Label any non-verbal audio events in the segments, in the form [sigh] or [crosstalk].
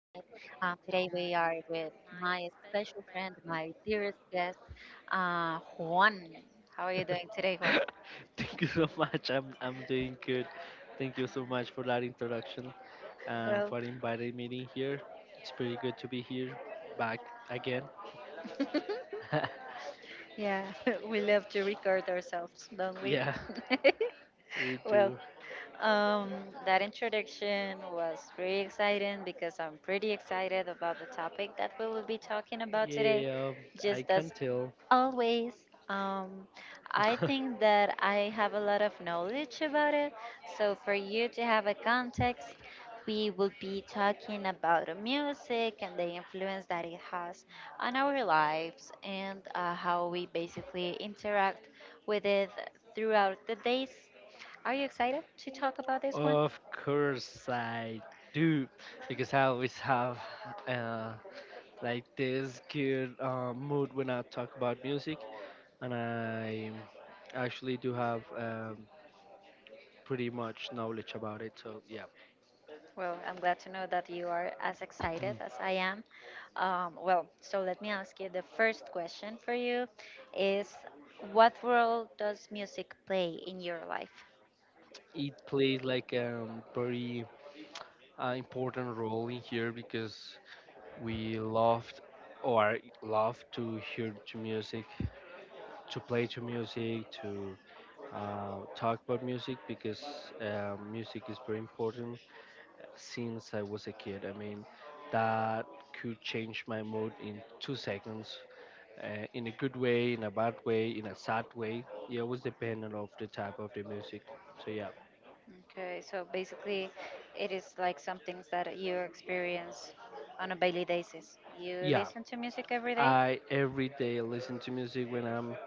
Today we are with my special friend, my dearest guest, Juan. How are you doing today, [laughs] Juan? Thank you so much. I'm doing good. Thank you so much for that introduction and Well, for inviting me in here. It's pretty good to be here back again. [laughs] yeah, [laughs] we love to record ourselves, don't we? Yeah, we Well, do. Um, that introduction was pretty exciting because I'm pretty excited about the topic that we will be talking about today. Yeah, I Just can as tell. always, um, I think that I have a lot of knowledge about it. So, for you to have a context, we will be talking about music and the influence that it has on our lives, and how we basically interact with it throughout the days. Are you [laughs] excited to talk about this one? Of course I do, because I always have uh, like this good mood when I talk about music, and I actually do have pretty much knowledge about it. So yeah, Well, I'm glad to know that you are as excited as [clears throat] I am. Well, so let me ask you. The first question for you is, what role does music play in your life? it plays like a very important role in here because we loved or love to hear to music, to play to music, to talk about music because music is very important since I was a kid. I mean, that could change my mood in 2 seconds, in a good way, in a bad way, in a sad way. Yeah, it always dependent of the type of the music. So yeah, Okay, so basically, it is like some things that you experience on a daily basis. You yeah. listen to music every day? I every day listen to music when I'm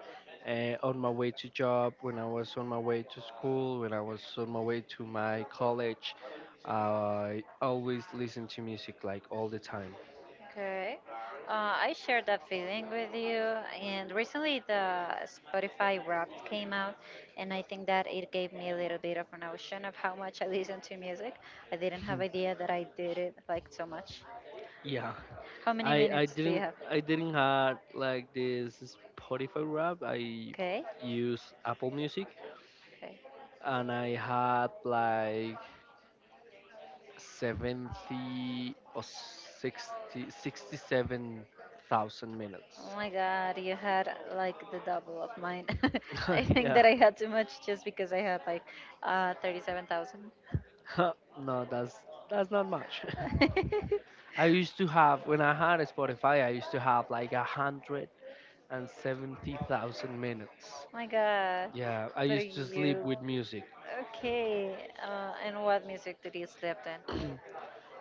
on my way to job, when I was on my way to school, when I was on my way to my college. I always listen to music like all the time. Okay. I share that feeling with you. And recently, the Spotify Wrapped came out, and I think that it gave me a little bit of an notion of how much I listen to music. I didn't have idea that I did it like so much. Yeah, How many I I minutes do you didn't have? I didn't have like this Spotify rap. I Okay. use Apple Music Okay. and I had like 70 or sixty-seven thousand minutes. Oh my God, you had like the double of mine. [laughs] I [laughs] think Yeah. that I had too much just because I had like [laughs] 37,000. No, that's not much. [laughs] I used to have when I had Spotify, I used to have like 170 thousand minutes. [laughs] My God. Yeah, I But used to sleep you with music. Okay, and what music did you sleep in?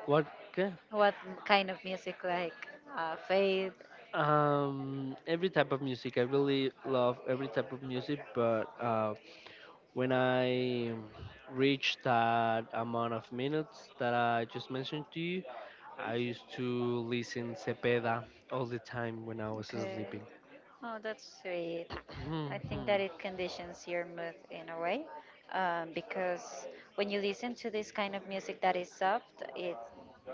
What? ca- What kind of music, like faith? Every type of music. I really love every type of music, but when I reached that amount of minutes that I just mentioned to you, I used to listen Cepeda all the time when I was Okay. sleeping. Oh, that's sweet. I think that Mhm. it conditions your mood in a way, because when you listen to this kind of music that is soft, it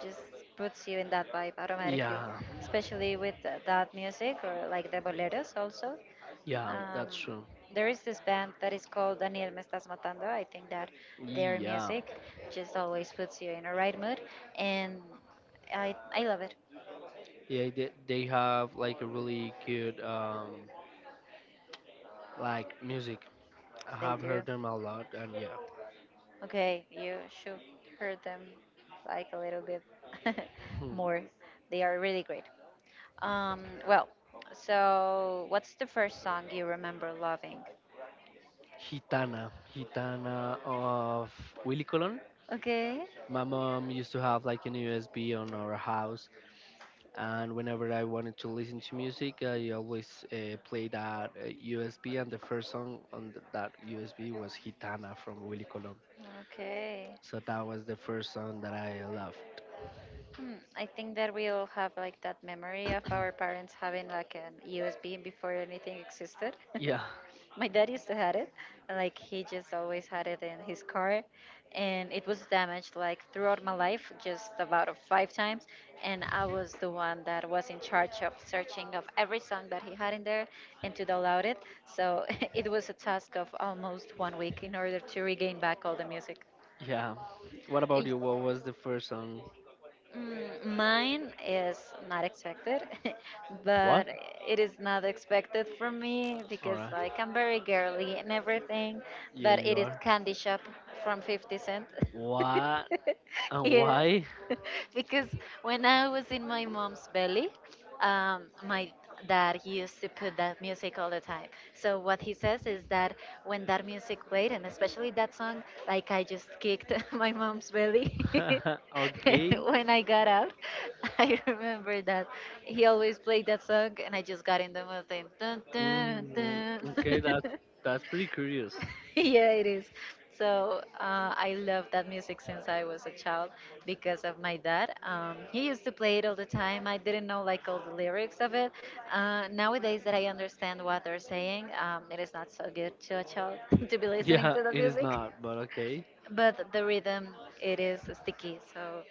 just puts you in that vibe automatically, Yeah. especially with that music or like the boleros also. Yeah, Um, that's true. there is this band that is called Daniel Me Estás Matando. I think that their Yeah. music just always puts you in a right mood, and I love it. Yeah, they have like a really good like music. I They have do. heard them a lot and yeah. Okay, you should hear them like a little bit [laughs] Hmm. more. They are really great. Well, so what's the first song you remember loving? Gitana of Willy Colon. Okay, My mom used to have like an USB on our house, and whenever I wanted to listen to music, I always play that USB. And the first song on that USB was Gitana from Willy Colon. okay. So that was the first song that I loved. Hmm, I think that we all have like that memory of our parents having like an USB before anything existed. [laughs] Yeah, My dad used to had it, like he just always had it in his car, and it was damaged like throughout my life, just about of five times, and I was the one that was in charge of searching of every song that he had in there and to download it. So [laughs] it was a task of almost one week in order to regain back all the music. yeah. What about you? What was the first song? Mm, mine is not expected, [laughs] but it is not expected from me because Alright. like I'm very girly and everything, Yeah, but you it is are. candy shop from 50 Cent. What? [laughs] [laughs] And Yeah. why? [laughs] Because when I was in my mom's belly, my dad, he used to put that music all the time. So what he says is that when that music played, and especially that song, like I just kicked [laughs] my mom's belly. [laughs] [laughs] And Okay. when I got out, [laughs] I remember that he always played that song, and I just got in the mood. Dun, dun, Mm, dun, okay, dun. that's [laughs] that's pretty curious. [laughs] Yeah, it is. So I love that music since I was a child because of my dad. He used to play it all the time. I didn't know like all the lyrics of it. Nowadays that I understand what they're saying, it is not so good to a child [laughs] to be listening Yeah, to the it is music. not, but okay. But the rhythm, it is sticky, so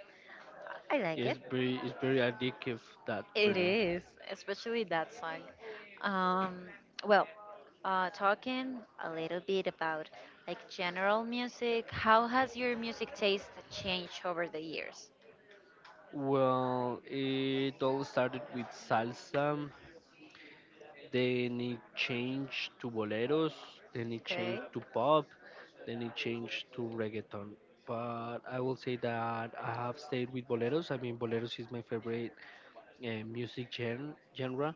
I like It's it. very it's very addictive that It rhythm. is, especially that song. Um, well, talking a little bit about like general music, how has your music taste changed over the years? Well, it all started with salsa. They need change to boleros. They need Okay, change to pop. They need change to reggaeton. But I will say that I have stayed with boleros. I mean, boleros is my favorite music genre.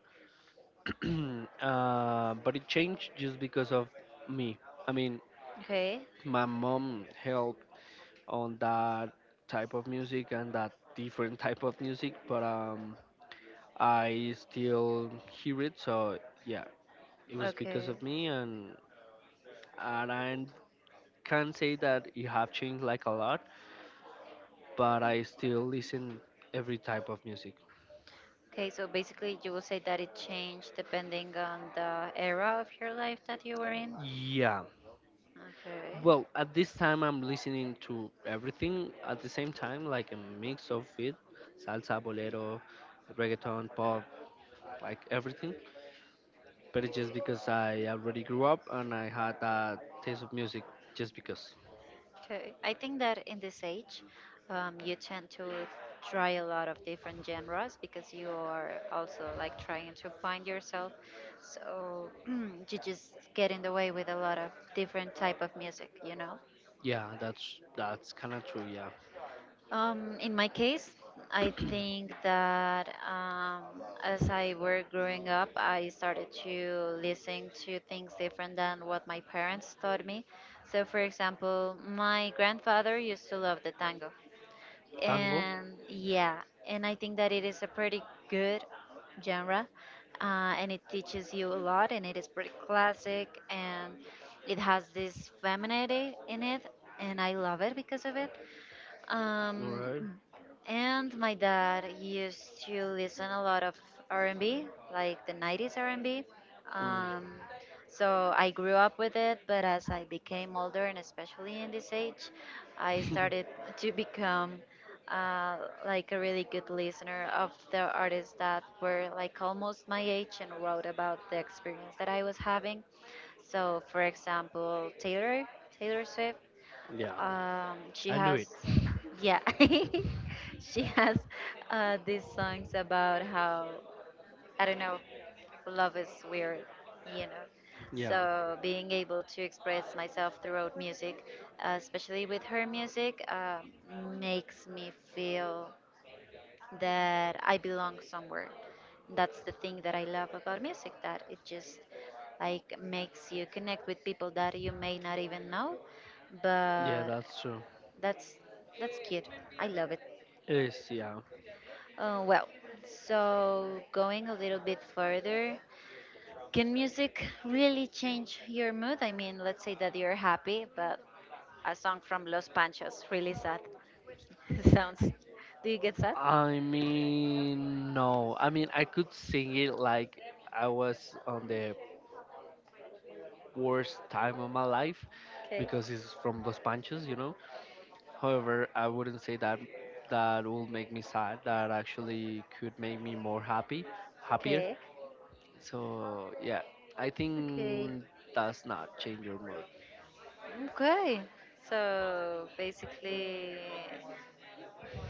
[clears throat] But it changed just because of me. I mean, okay, my mom helped on that type of music and that different [laughs] type of music, but I still hear it. So yeah, it was because okay. of me, and I can say that it have changed like a lot, but I still listen every type of music. Okay, so basically, you will say that it changed depending on the era of your life that you were in. Yeah. Okay. Well, at this time I'm listening to everything at the same time, like a mix of it, salsa, bolero, reggaeton, pop, like everything. But it's just because I already grew up and I had that taste of music just because. Okay. I think that in this age, you tend to try a lot of different genres because you are also like trying to find yourself. So [clears throat] you just get in the way with a lot of different type of music, you know. Yeah, that's kind of true, yeah. In my case, I think that as I were growing up, I started to listen to things different than what my parents taught me. So, for example, my grandfather used to love the tango. Tango. And yeah, and I think that it is a pretty good genre, and it teaches you a lot, and it is pretty classic, and it has this femininity in it, and I love it because of it. All um, right. and my dad used to listen a lot of R&B, like the 90s R&B. Mm. Um, so I grew up with it, but as I became older, and especially in this age, I started [laughs] to become uh, like a really good listener of the artists that were like almost my age and wrote about the experience that I was having. So, for example, Taylor Swift. Yeah, She I knew has, it. [laughs] yeah, [laughs] she has these songs about how, I don't know, love is weird, you know. Yeah. So being able to express myself throughout music, especially with her music, makes me feel that I belong somewhere. That's the thing that I love about music. That it just like makes you connect with people that you may not even know. Yeah, But that's true. that's that's cute. I love it. It is. Yeah. Well, so going a little bit further, can music really change your mood? I mean, let's say that you're happy, but a song from Los Panchos really sad [laughs] sounds. Do you get sad? I mean, no. I mean, I could sing it like I was on the worst time of my life Okay, because it's from Los Panchos, you know. However, I wouldn't say that that will make me sad. That actually could make me more happy, happier. okay, So yeah, I okay, think does not change your mood. okay. So basically.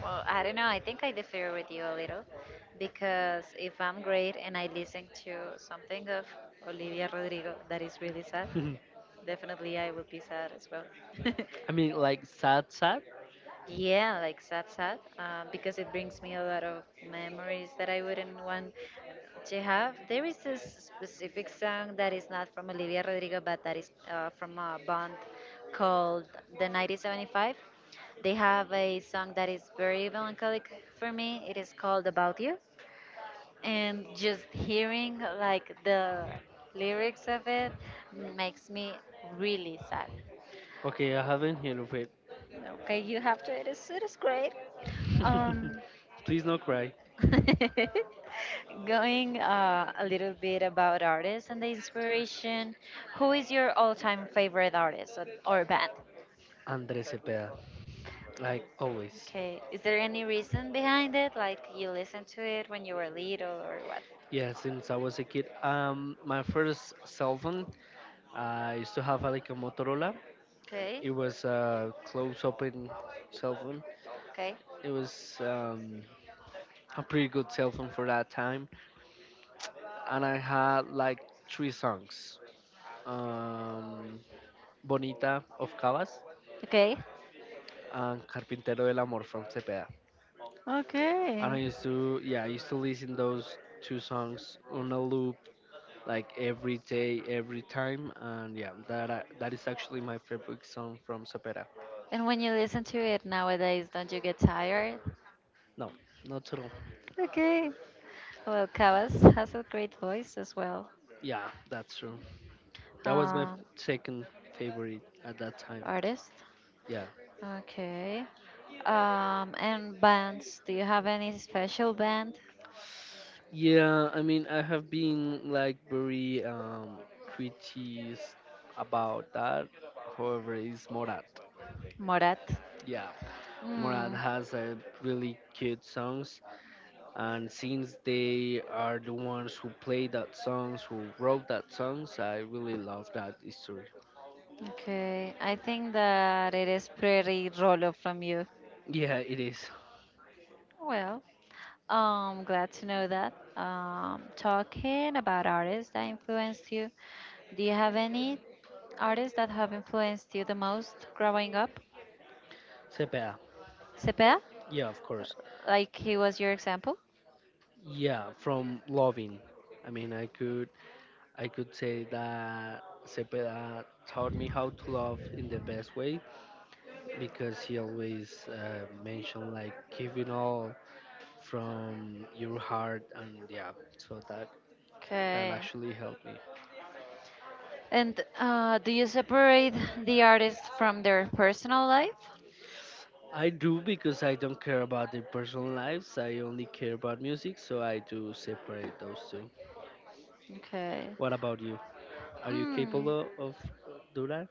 Well, I don't know. I think I differ with you a little because if I'm great and I listen to something of Olivia Rodrigo that is really sad, [laughs] definitely I will be sad as well. [laughs] I mean, like sad, sad. Yeah, like sad, sad, because it brings me a lot of memories that I wouldn't want. Jehav, there is this specific song that is not from Olivia Rodrigo, but that is from a band called The 1975. They have a song that is very melancholic for me. It is called About You. And just hearing like the lyrics of it makes me really sad. Okay, I haven't heard of it. Okay, you have to. It is great. Um, [laughs] Please no cry, [laughs] Going a little bit about artists and the inspiration, who is your all time favorite artist or band? Andres Cepeda, like always. Okay, is there any reason behind it? Like you listened to it when you were little or what? Yeah, since I was a kid, my first cell phone, I used to have like a Motorola. Okay, It was a close-open cell phone. okay, It was a pretty good cell phone for that time, and I had like three songs: um, "Bonita" of Cavas okay, and "Carpintero del Amor" from Cepeda. And I okay. used to, yeah, I used to listen those two songs on a loop like every day, every time, and yeah, that is actually my favorite song from Sopera. And when you listen to it nowadays, don't you get tired? No, not at all. Okay. Well, Kavas has a great voice as well. Yeah, that's true. That was my Um, second favorite at that time. artist. Yeah, Okay. And bands. Do you have any special band? yeah. I mean, I have been like very critics about that. However, it's Morat. Morat. Yeah, Morat Hmm. has a really cute songs. And since they are the ones who played that songs who wrote that songs, I really love that history. Okay. I think that it is pretty Rolo from you. Yeah, it is. Well, glad to know that. Talking about artists that influenced you, do you have any artists that have influenced you the most growing up? Sepia. Sepeda, Yeah, of course. like he was your example? Yeah, from loving. I mean, I could say that Sepia taught me how to love in the best way because he always mentioned like giving all from your heart. And yeah, so that Okay. actually helped me. And do you separate the artist from their personal life? I do because I don't care about their personal lives. I only care about music, so I do separate those two. Okay. What about you? Are you Mm, capable of do that?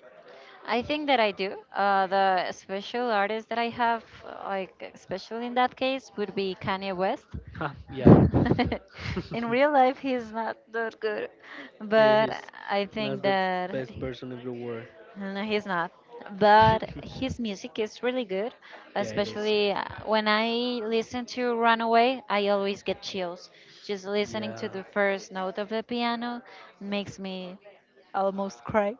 I think that I do. The special artist that I have, like special in that case, would be Kanye West. Huh, yeah. [laughs] In [laughs] real life, he's not that good, Yeah, but he's I not think the that. best person in the world. No, he's not. But [laughs] his music is really good, Yeah, it is. especially when I listen to Runaway, I always get chills. Just listening Yeah. to the first note of the piano makes me almost cry.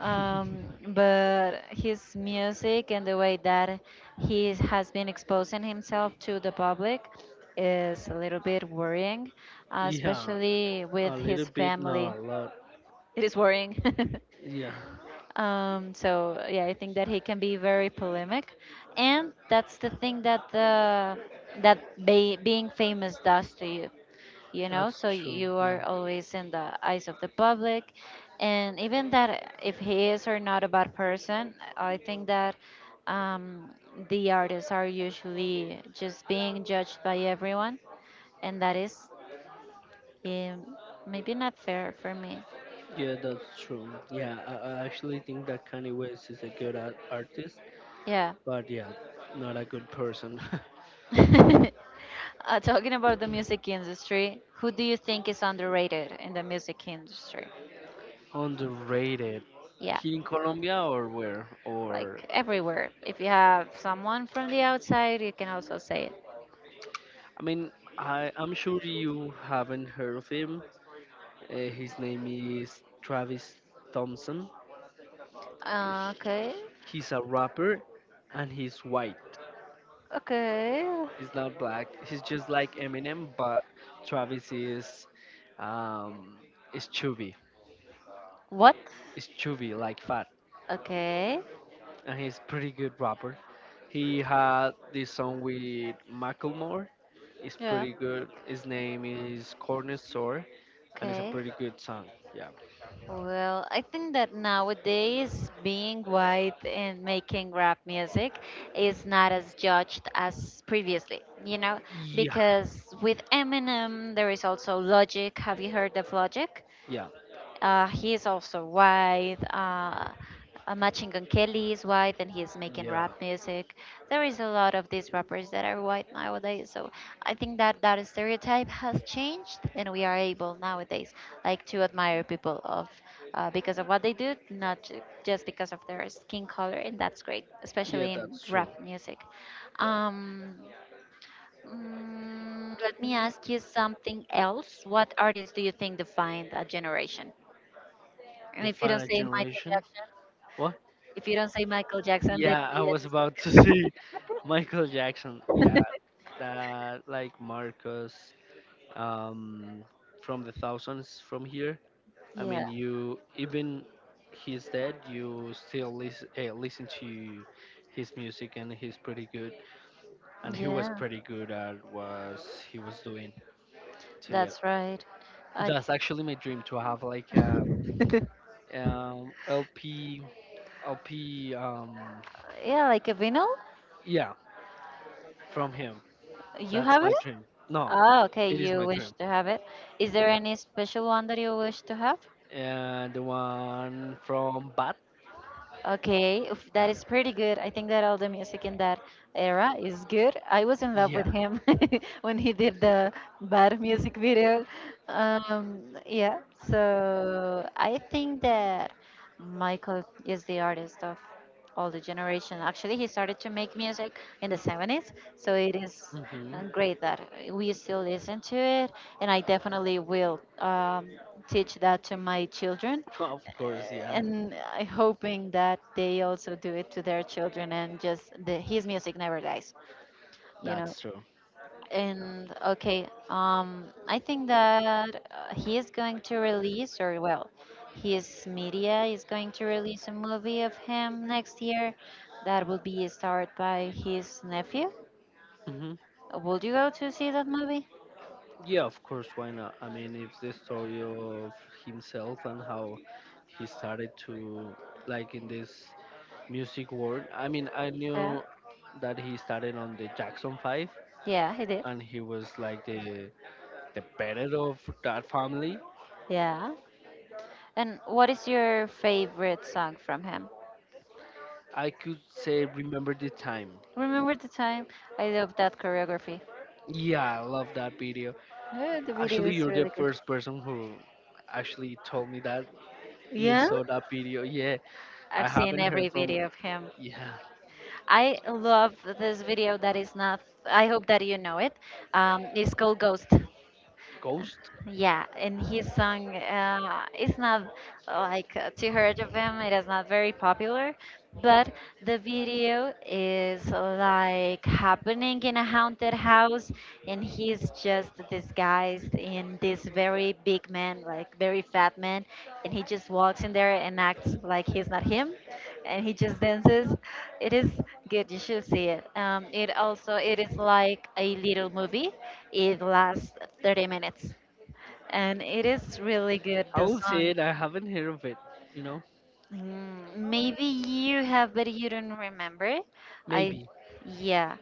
[laughs] but his music and the way that he has been exposing himself to the public is a little bit worrying, Yeah. especially with A little his bit, family. no, a lot. It is worrying. [laughs] Yeah. So yeah, I think that he can be very polemic, and that's the thing that the that being famous does to you. You know, That's so true. you Yeah. are always in the eyes of the public, and even that if he is or not a bad person, I think that um, the artists are usually just being judged by everyone, and that is, um, maybe not fair for me. Yeah, that's true. Yeah, I actually think that Kanye West is a good artist, Yeah. but yeah, not a good person. [laughs] Talking about the music industry, who do you think is underrated in the music industry? [laughs] Underrated. Yeah, Here in Colombia or where? Or like everywhere. If you have someone from the outside, you can also say it. I mean, I'm sure you haven't heard of him. His name is Travis Thompson. Uh, H- okay, He's a rapper, and he's white. okay. He's not black. He's just like Eminem, but Travis um is chubby. What? Is chubby, like fat, Okay, and he's pretty good rapper. He had this song with Macklemore. It's yeah, pretty good. His name is Corner Store, and it's a okay. pretty good song. Yeah. Well, I think that nowadays being white and making rap music is not as judged as previously, you know, Yeah. because with Eminem there is also Logic. Have you heard of Logic? Yeah. He is also white. Uh, Machine Gun Kelly is white, and he's making Yeah. rap music. There is a lot of these rappers that are white nowadays. So I think that that stereotype has changed, and we are able nowadays, like, to admire people of because of what they do, not ju- just because of their skin color, and that's great, Yeah, especially in that's true. rap music. Yeah. Um, let me ask you something else. What artists do you think define a generation? And The if you don't final say Michael generation. Jackson, What? if you don't say Michael Jackson, yeah, then Yeah, I we end was about to [laughs] this say Michael Jackson. Yeah, podcast. that like Marcus, um, from the thousands from here. [laughs] I Yeah, mean, you even he's dead, you still listen to his music, and he's pretty good. And he was yeah, pretty good at what he was doing. So yeah, that's right. I, that's actually my dream to have like a [laughs] LP LP um yeah, like a vinyl. yeah from him. You That's have it? my dream. No, Oh, okay. it is You my wish dream. to have it. Is there any special one that you wish to have? The one from Bat. Okay, oof, that Yeah. is pretty good. I think that all the music in that era is good. I was in love Yeah. with him [laughs] when he did the bad music video. Yeah, so I think that Michael is the artist of all the generation. Actually, he started to make music in the 70s, so it is Hmm. Great that [laughs] we still listen to it, and I definitely will teach that to my children Of course, yeah. and I hoping that they also do it to their children and just his music never dies, you know. That's true. And okay, I think that he is going to release, or well, his media is going to release a movie of him next year that will be starred by his nephew. Hmm. Would you go to see that movie? Yeah, of course, why not? I mean, it's the story of himself and how he started to, like, in this music world. I mean, I Yeah. knew that he started on the Jackson 5, Yeah, he did. and he was, like, the parent of that family. Yeah. And what is your favorite song from him? I could say remember the time. Remember the time? I love that choreography. Yeah, I love that video. Oh, the video Actually, is you're the really good. first person who actually told me that you Yeah? saw that video. Yeah, I've I seen haven't every heard from, video of him. yeah, I love this video that is not, I hope that you know it. It's called Ghost. Ghost. Yeah, and his song is not like too heard of him. It is not very popular, but the video is like happening in a haunted house, and he's just disguised in this very big man, like very fat man, and he just walks in there and acts like he's not him, and he just dances. It is good. You should see it. It also it is like a little movie. It lasts 30 minutes and it is really good I the will say song. it, I haven't heard of it, you know? Mm, maybe you have but you don't remember. I, Maybe. yeah,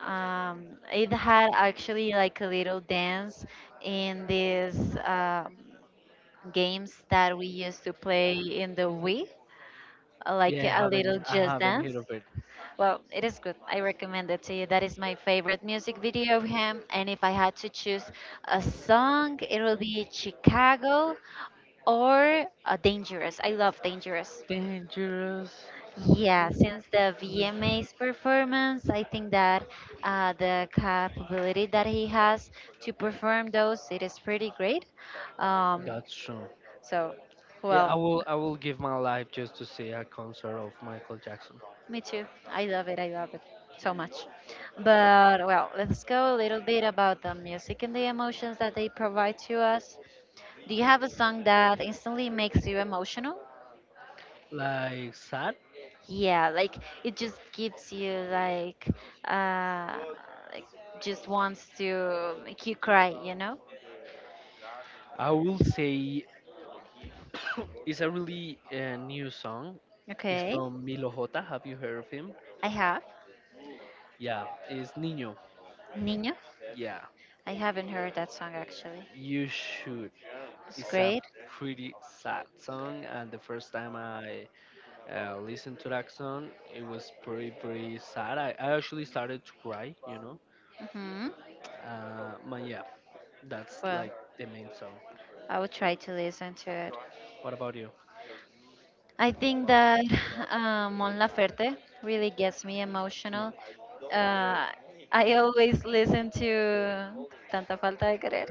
it had actually like a little dance in these games that we used to play in the wii, Like, like yeah, I a haven't little I just haven't dance. heard of it. Well, it is good, I recommend it to you. That is my favorite music video of him, and if I had to choose a song it will be Chicago or Dangerous. I love Dangerous. Dangerous. Yeah, since the Yeah. VMA's performance, I think that the capability that he has to perform those, it is pretty great. Um, That's true. so, Yeah, I well, will I will give my life just to see a concert of Michael Jackson. me too. I love it. I love it so much. But well, let's go a little bit about the music and the emotions that they provide to us. Do you have a song that instantly makes you emotional? Like sad? Yeah, like it just gives you uh like just wants to make you cry, you know? I will say [coughs] it's a really new song. It's Okay. from Milo J. Have you heard of him? I have. Yeah, it's Nino. Niño. Yeah, I haven't heard that song actually. you should. It's It's a great. pretty sad song, and the first time I listened to that song, it was pretty, pretty sad. I actually started to cry. Mhm. But yeah, that's Well, like the main song. I will try to listen to it. What about you? I think that [laughs] Mon Laferte really gets me Hmm. emotional. Uh, I always listen to Tanta Falta de Querer,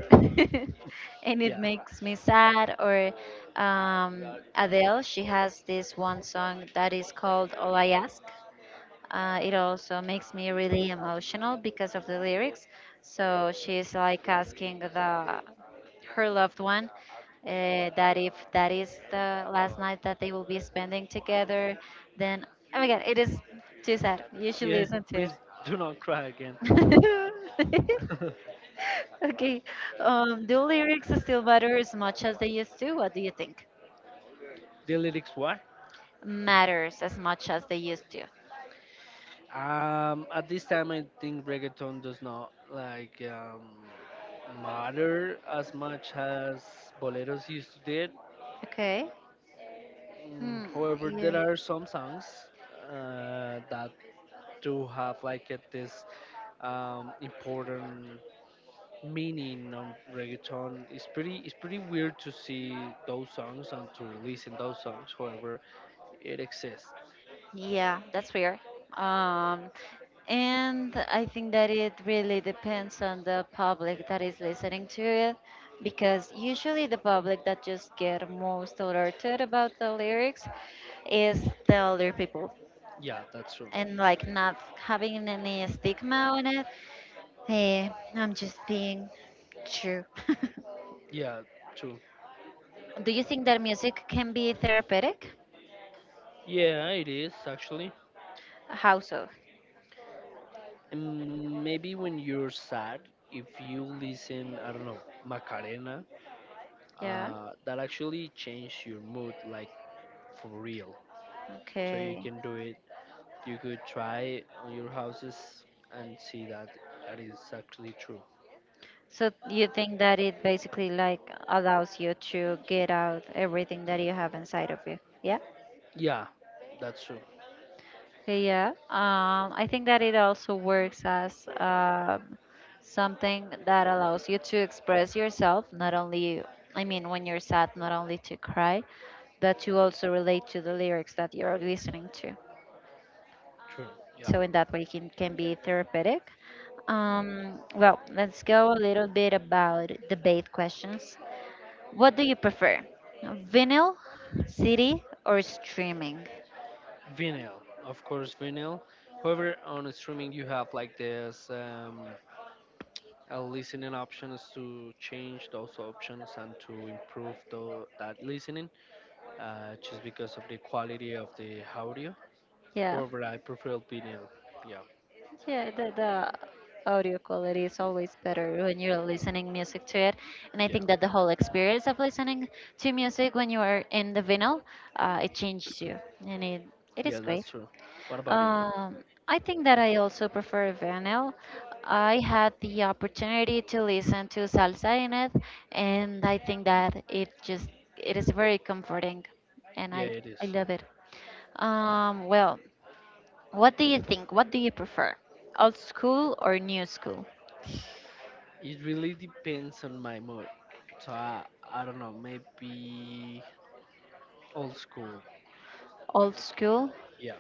[laughs] and it Yeah, makes me sad. Or Adele, she has this one song that is called All I Ask. It also makes me really emotional because of the lyrics. So she's like asking the her loved one that if that is the last night that they will be spending together, then oh my god, it is too sad. You should yeah, listen to please it. do not cry again. [laughs] Okay, do lyrics still matter as much as they used to? What do you think? [laughs] The lyrics, what? Matters as much as they used to. At this time, I think reggaeton does not like matter as much as boleros used to did. Okay. Mm, Hmm. however, there Yeah. are some songs that do have like a, this important meaning on reggaeton. It's pretty weird to see those songs and to release in those songs. However, it exists. Yeah, that's weird. Um, and I think that it really depends on the public that is listening to it, because usually the public that just get most alerted about the lyrics is the older people, Yeah, that's true. and like not having any stigma on it. Hey, I'm just being true. [laughs] Yeah, true. Do you think that music can be therapeutic? Yeah, it is actually. How so? And maybe when you're sad, if you listen, I don't know, Macarena, Yeah. That actually change your mood, like for real. So you Okay. can do it. You could try on your houses and see that that is actually true. So you think that it basically like allows you to get out everything that you have inside of you? Yeah. Yeah, that's true. Yeah. I think that it also works as something that allows you to express yourself, not only, I mean, when you're sad, not only to cry, but you also relate to the lyrics that you're listening to. True. Yeah, So in that way, it can be therapeutic. Well, let's go a little bit about debate questions. What do you prefer? Vinyl, CD, or streaming? vinyl, of course, vinyl. However, on streaming you have like this a listening options to change those options and to improve the, that listening. Just because of the quality of the audio. Yeah, However, I prefer vinyl. Yeah, yeah, the audio quality is always better when you're listening music to it, and I yeah, think that the whole experience of listening to music when you are in the vinyl, it changes you, and it yeah, is great. that's true. What about you? Um, I think that I also prefer vinyl. I had the opportunity to listen to salsa in it, and I think that it just it is very comforting, and Yeah, it I is. love it. Well, what do you think? What do you prefer, old school or new school? It really depends on my mood. So I don't know, maybe old school. Old school. Yeah,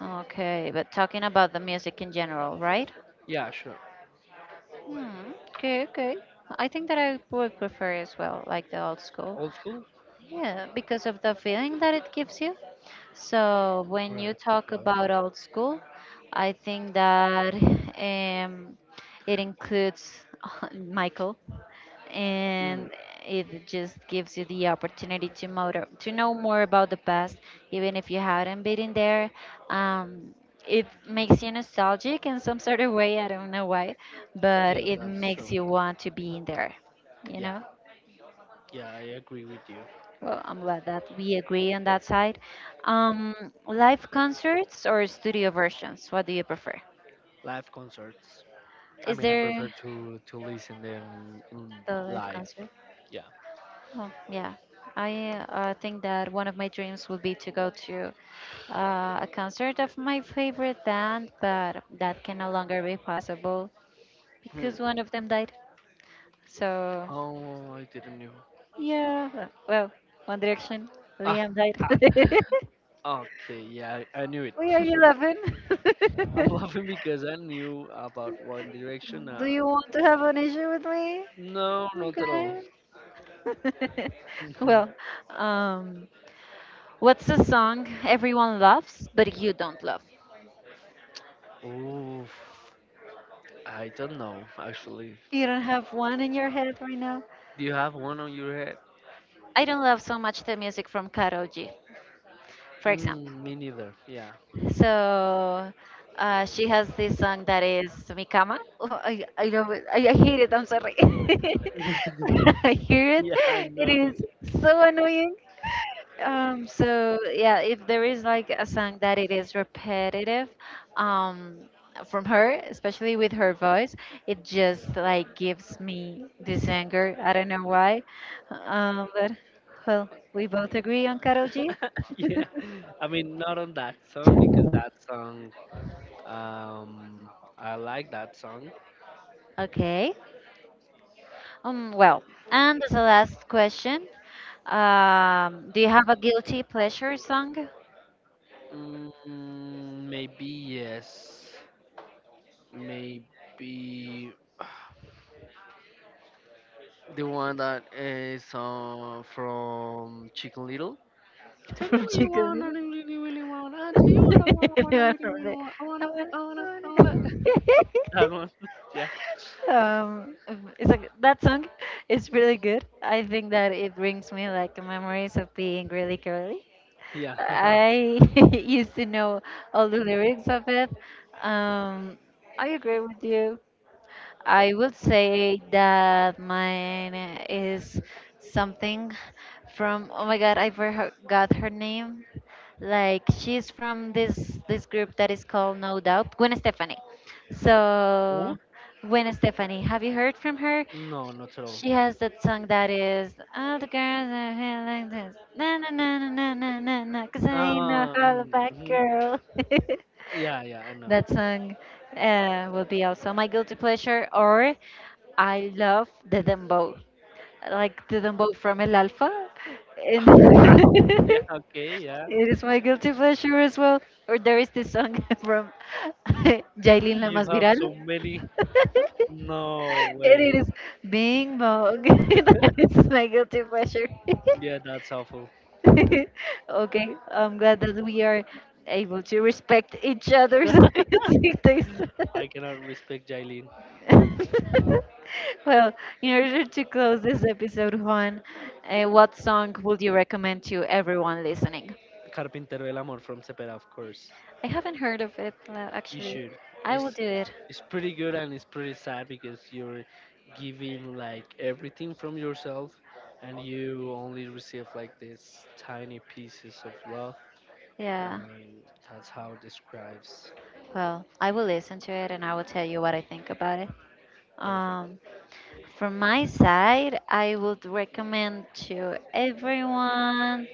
Okay, but talking about the music in general, right? yeah, sure. Hmm, okay, okay. I think that I would prefer as well, like the old school. Old school? Yeah, because of the feeling that it gives you. So when you Right. talk Yeah. about old school, I think that um, it includes [laughs] Michael, Mm, and it just gives you the opportunity to motor, to know more about the past, even if you hadn't been in there. Um, it makes you nostalgic in some sort of way. I don't know why, but yeah, it that's makes true. you want to be in there. You Yeah, know? yeah, I agree with you. Well, I'm glad that we agree on that side. Um, Live concerts or studio versions? What do you prefer? Live concerts. I Is mean, I there prefer to listen them, the live live. concert? Yeah. Oh, yeah. I think that one of my dreams would be to go to a concert of my favorite band, but that can no longer be possible Hmm. because one of them died. So, Oh, I didn't know. yeah, well, One Direction, Ah, Liam died. ah, okay, yeah, I knew [laughs] it. Why are you laughing? [laughs] I'm [laughs] laughing because I knew about One Direction. Uh, Do you want to have an issue with me? no, not at all. Okay. [laughs] [laughs] Well, um, what's the song everyone loves but you don't love? Oof, I don't know actually. You don't have one in your head right now? Do you have one on your head? I don't love so much the music from Karol G, for example. Mm, me neither. Yeah. So she has this song that is Mikama. Oh, I love it. I hate it. I'm sorry. [laughs] [laughs] I hear it. Yeah, I It know. is so annoying. So yeah, if there is like a song that it is repetitive, um, from her, especially with her voice, it just like gives me this anger. I don't know why. But well, we both agree on Karol G. [laughs] [laughs] Yeah, I mean not on that song because that song, um, I like that song. Okay. Well, and as a last question, do you have a guilty pleasure song [laughs] Mm, maybe yes. Maybe. The one that is from Chicken Little. Tell me from what you Chico want, I don't really, really want. I tell you Little? what I want, [laughs] I wanna, Anyone really, from really the- want. I [laughs] I wanna, wanna- I wanna, I I wanna. [laughs] That wanna- [laughs] one. [laughs] Yeah. It's like that song is really good. I think that it brings me like memories of being really girly. Yeah. [laughs] I [laughs] used to know all the lyrics of it. um I agree with you. I would say that mine is something from oh my god, I forgot her name. Like she's from this group that is called No Doubt, Gwen Stefani. Oh, So Gwen Stefani, have you heard from her? no, not at all. She has that song that is all the girls are here like this. Na na na na na na na na, 'cause I ain't no hollaback Mm-hmm. girl. [laughs] Yeah, yeah, I know. That song will be also my guilty pleasure. Or I love the dembow, like the dembow from El Alfa, and [laughs] [laughs] Yeah, okay, yeah. it is my guilty pleasure as well. Or there is this song [laughs] from [laughs] Mm, Jailin La you Más have Viral. so many. [laughs] No And way. it is Bing Bong. [laughs] That is my guilty pleasure. [laughs] Yeah, that's awful. [laughs] Okay, I'm glad that we are able to respect each other's [laughs] [laughs] music taste. I cannot respect Jailin. [laughs] Well, in order to close this episode, Juan, what song would you recommend to everyone listening? Carpintero el Amor from Cepeda, of course. I haven't heard of it, You actually. should. I will It's do it. it's pretty good, and it's pretty sad because you're giving like everything from yourself and you only receive like these tiny pieces of love, Yeah. and that's how it describes. Well, I will listen to it and I will tell you what I think about it. Perfect. Um, From my side, I would recommend to everyone.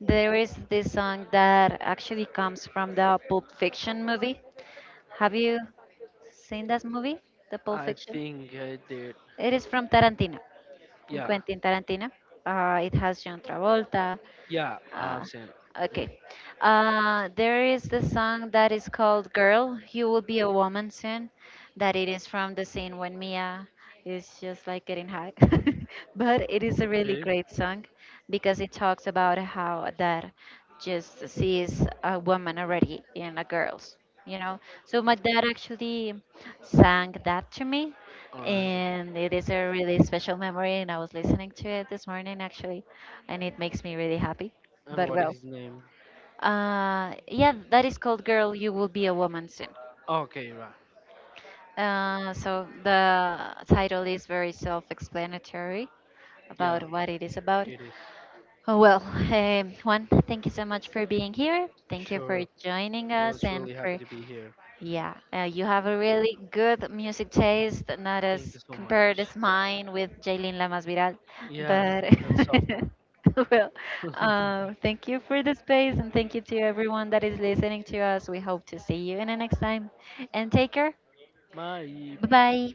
There is this song that actually comes from the Pulp Fiction movie. Have you seen that movie, the Pulp I Fiction? think I did, It is from Tarantino, from yeah. Quentin Tarantino. It has John Travolta. Yeah, I Uh, have seen. Mm, okay. There is the song that is called "Girl, You Will Be a Woman Soon," that it is from the scene when Mia is just like getting hot. [laughs] But it is a really okay. great song because it talks about how that just sees a woman already in a girl's, you know. So my dad actually sang that to me Alright. and it is a really special memory, and I was listening to it this morning actually, and it makes me really happy. And But what is well, his name? Yeah, that is called Girl You Will Be a Woman Soon. Okay, right. So the title is very self-explanatory Yeah, about what it is about. it is. Oh well, Juan, thank you so much for being here, thank you for Sure. joining I us was and really happy for. to be here. Yeah, you have a really good music taste, not Thank as you so compared as much. mine with Jaylin Lamas Viral. Yeah, But so [laughs] well, [laughs] thank you for the space and thank you to everyone that is listening to us. We hope to see you in the next time. And take care. Mas, e Bye bye.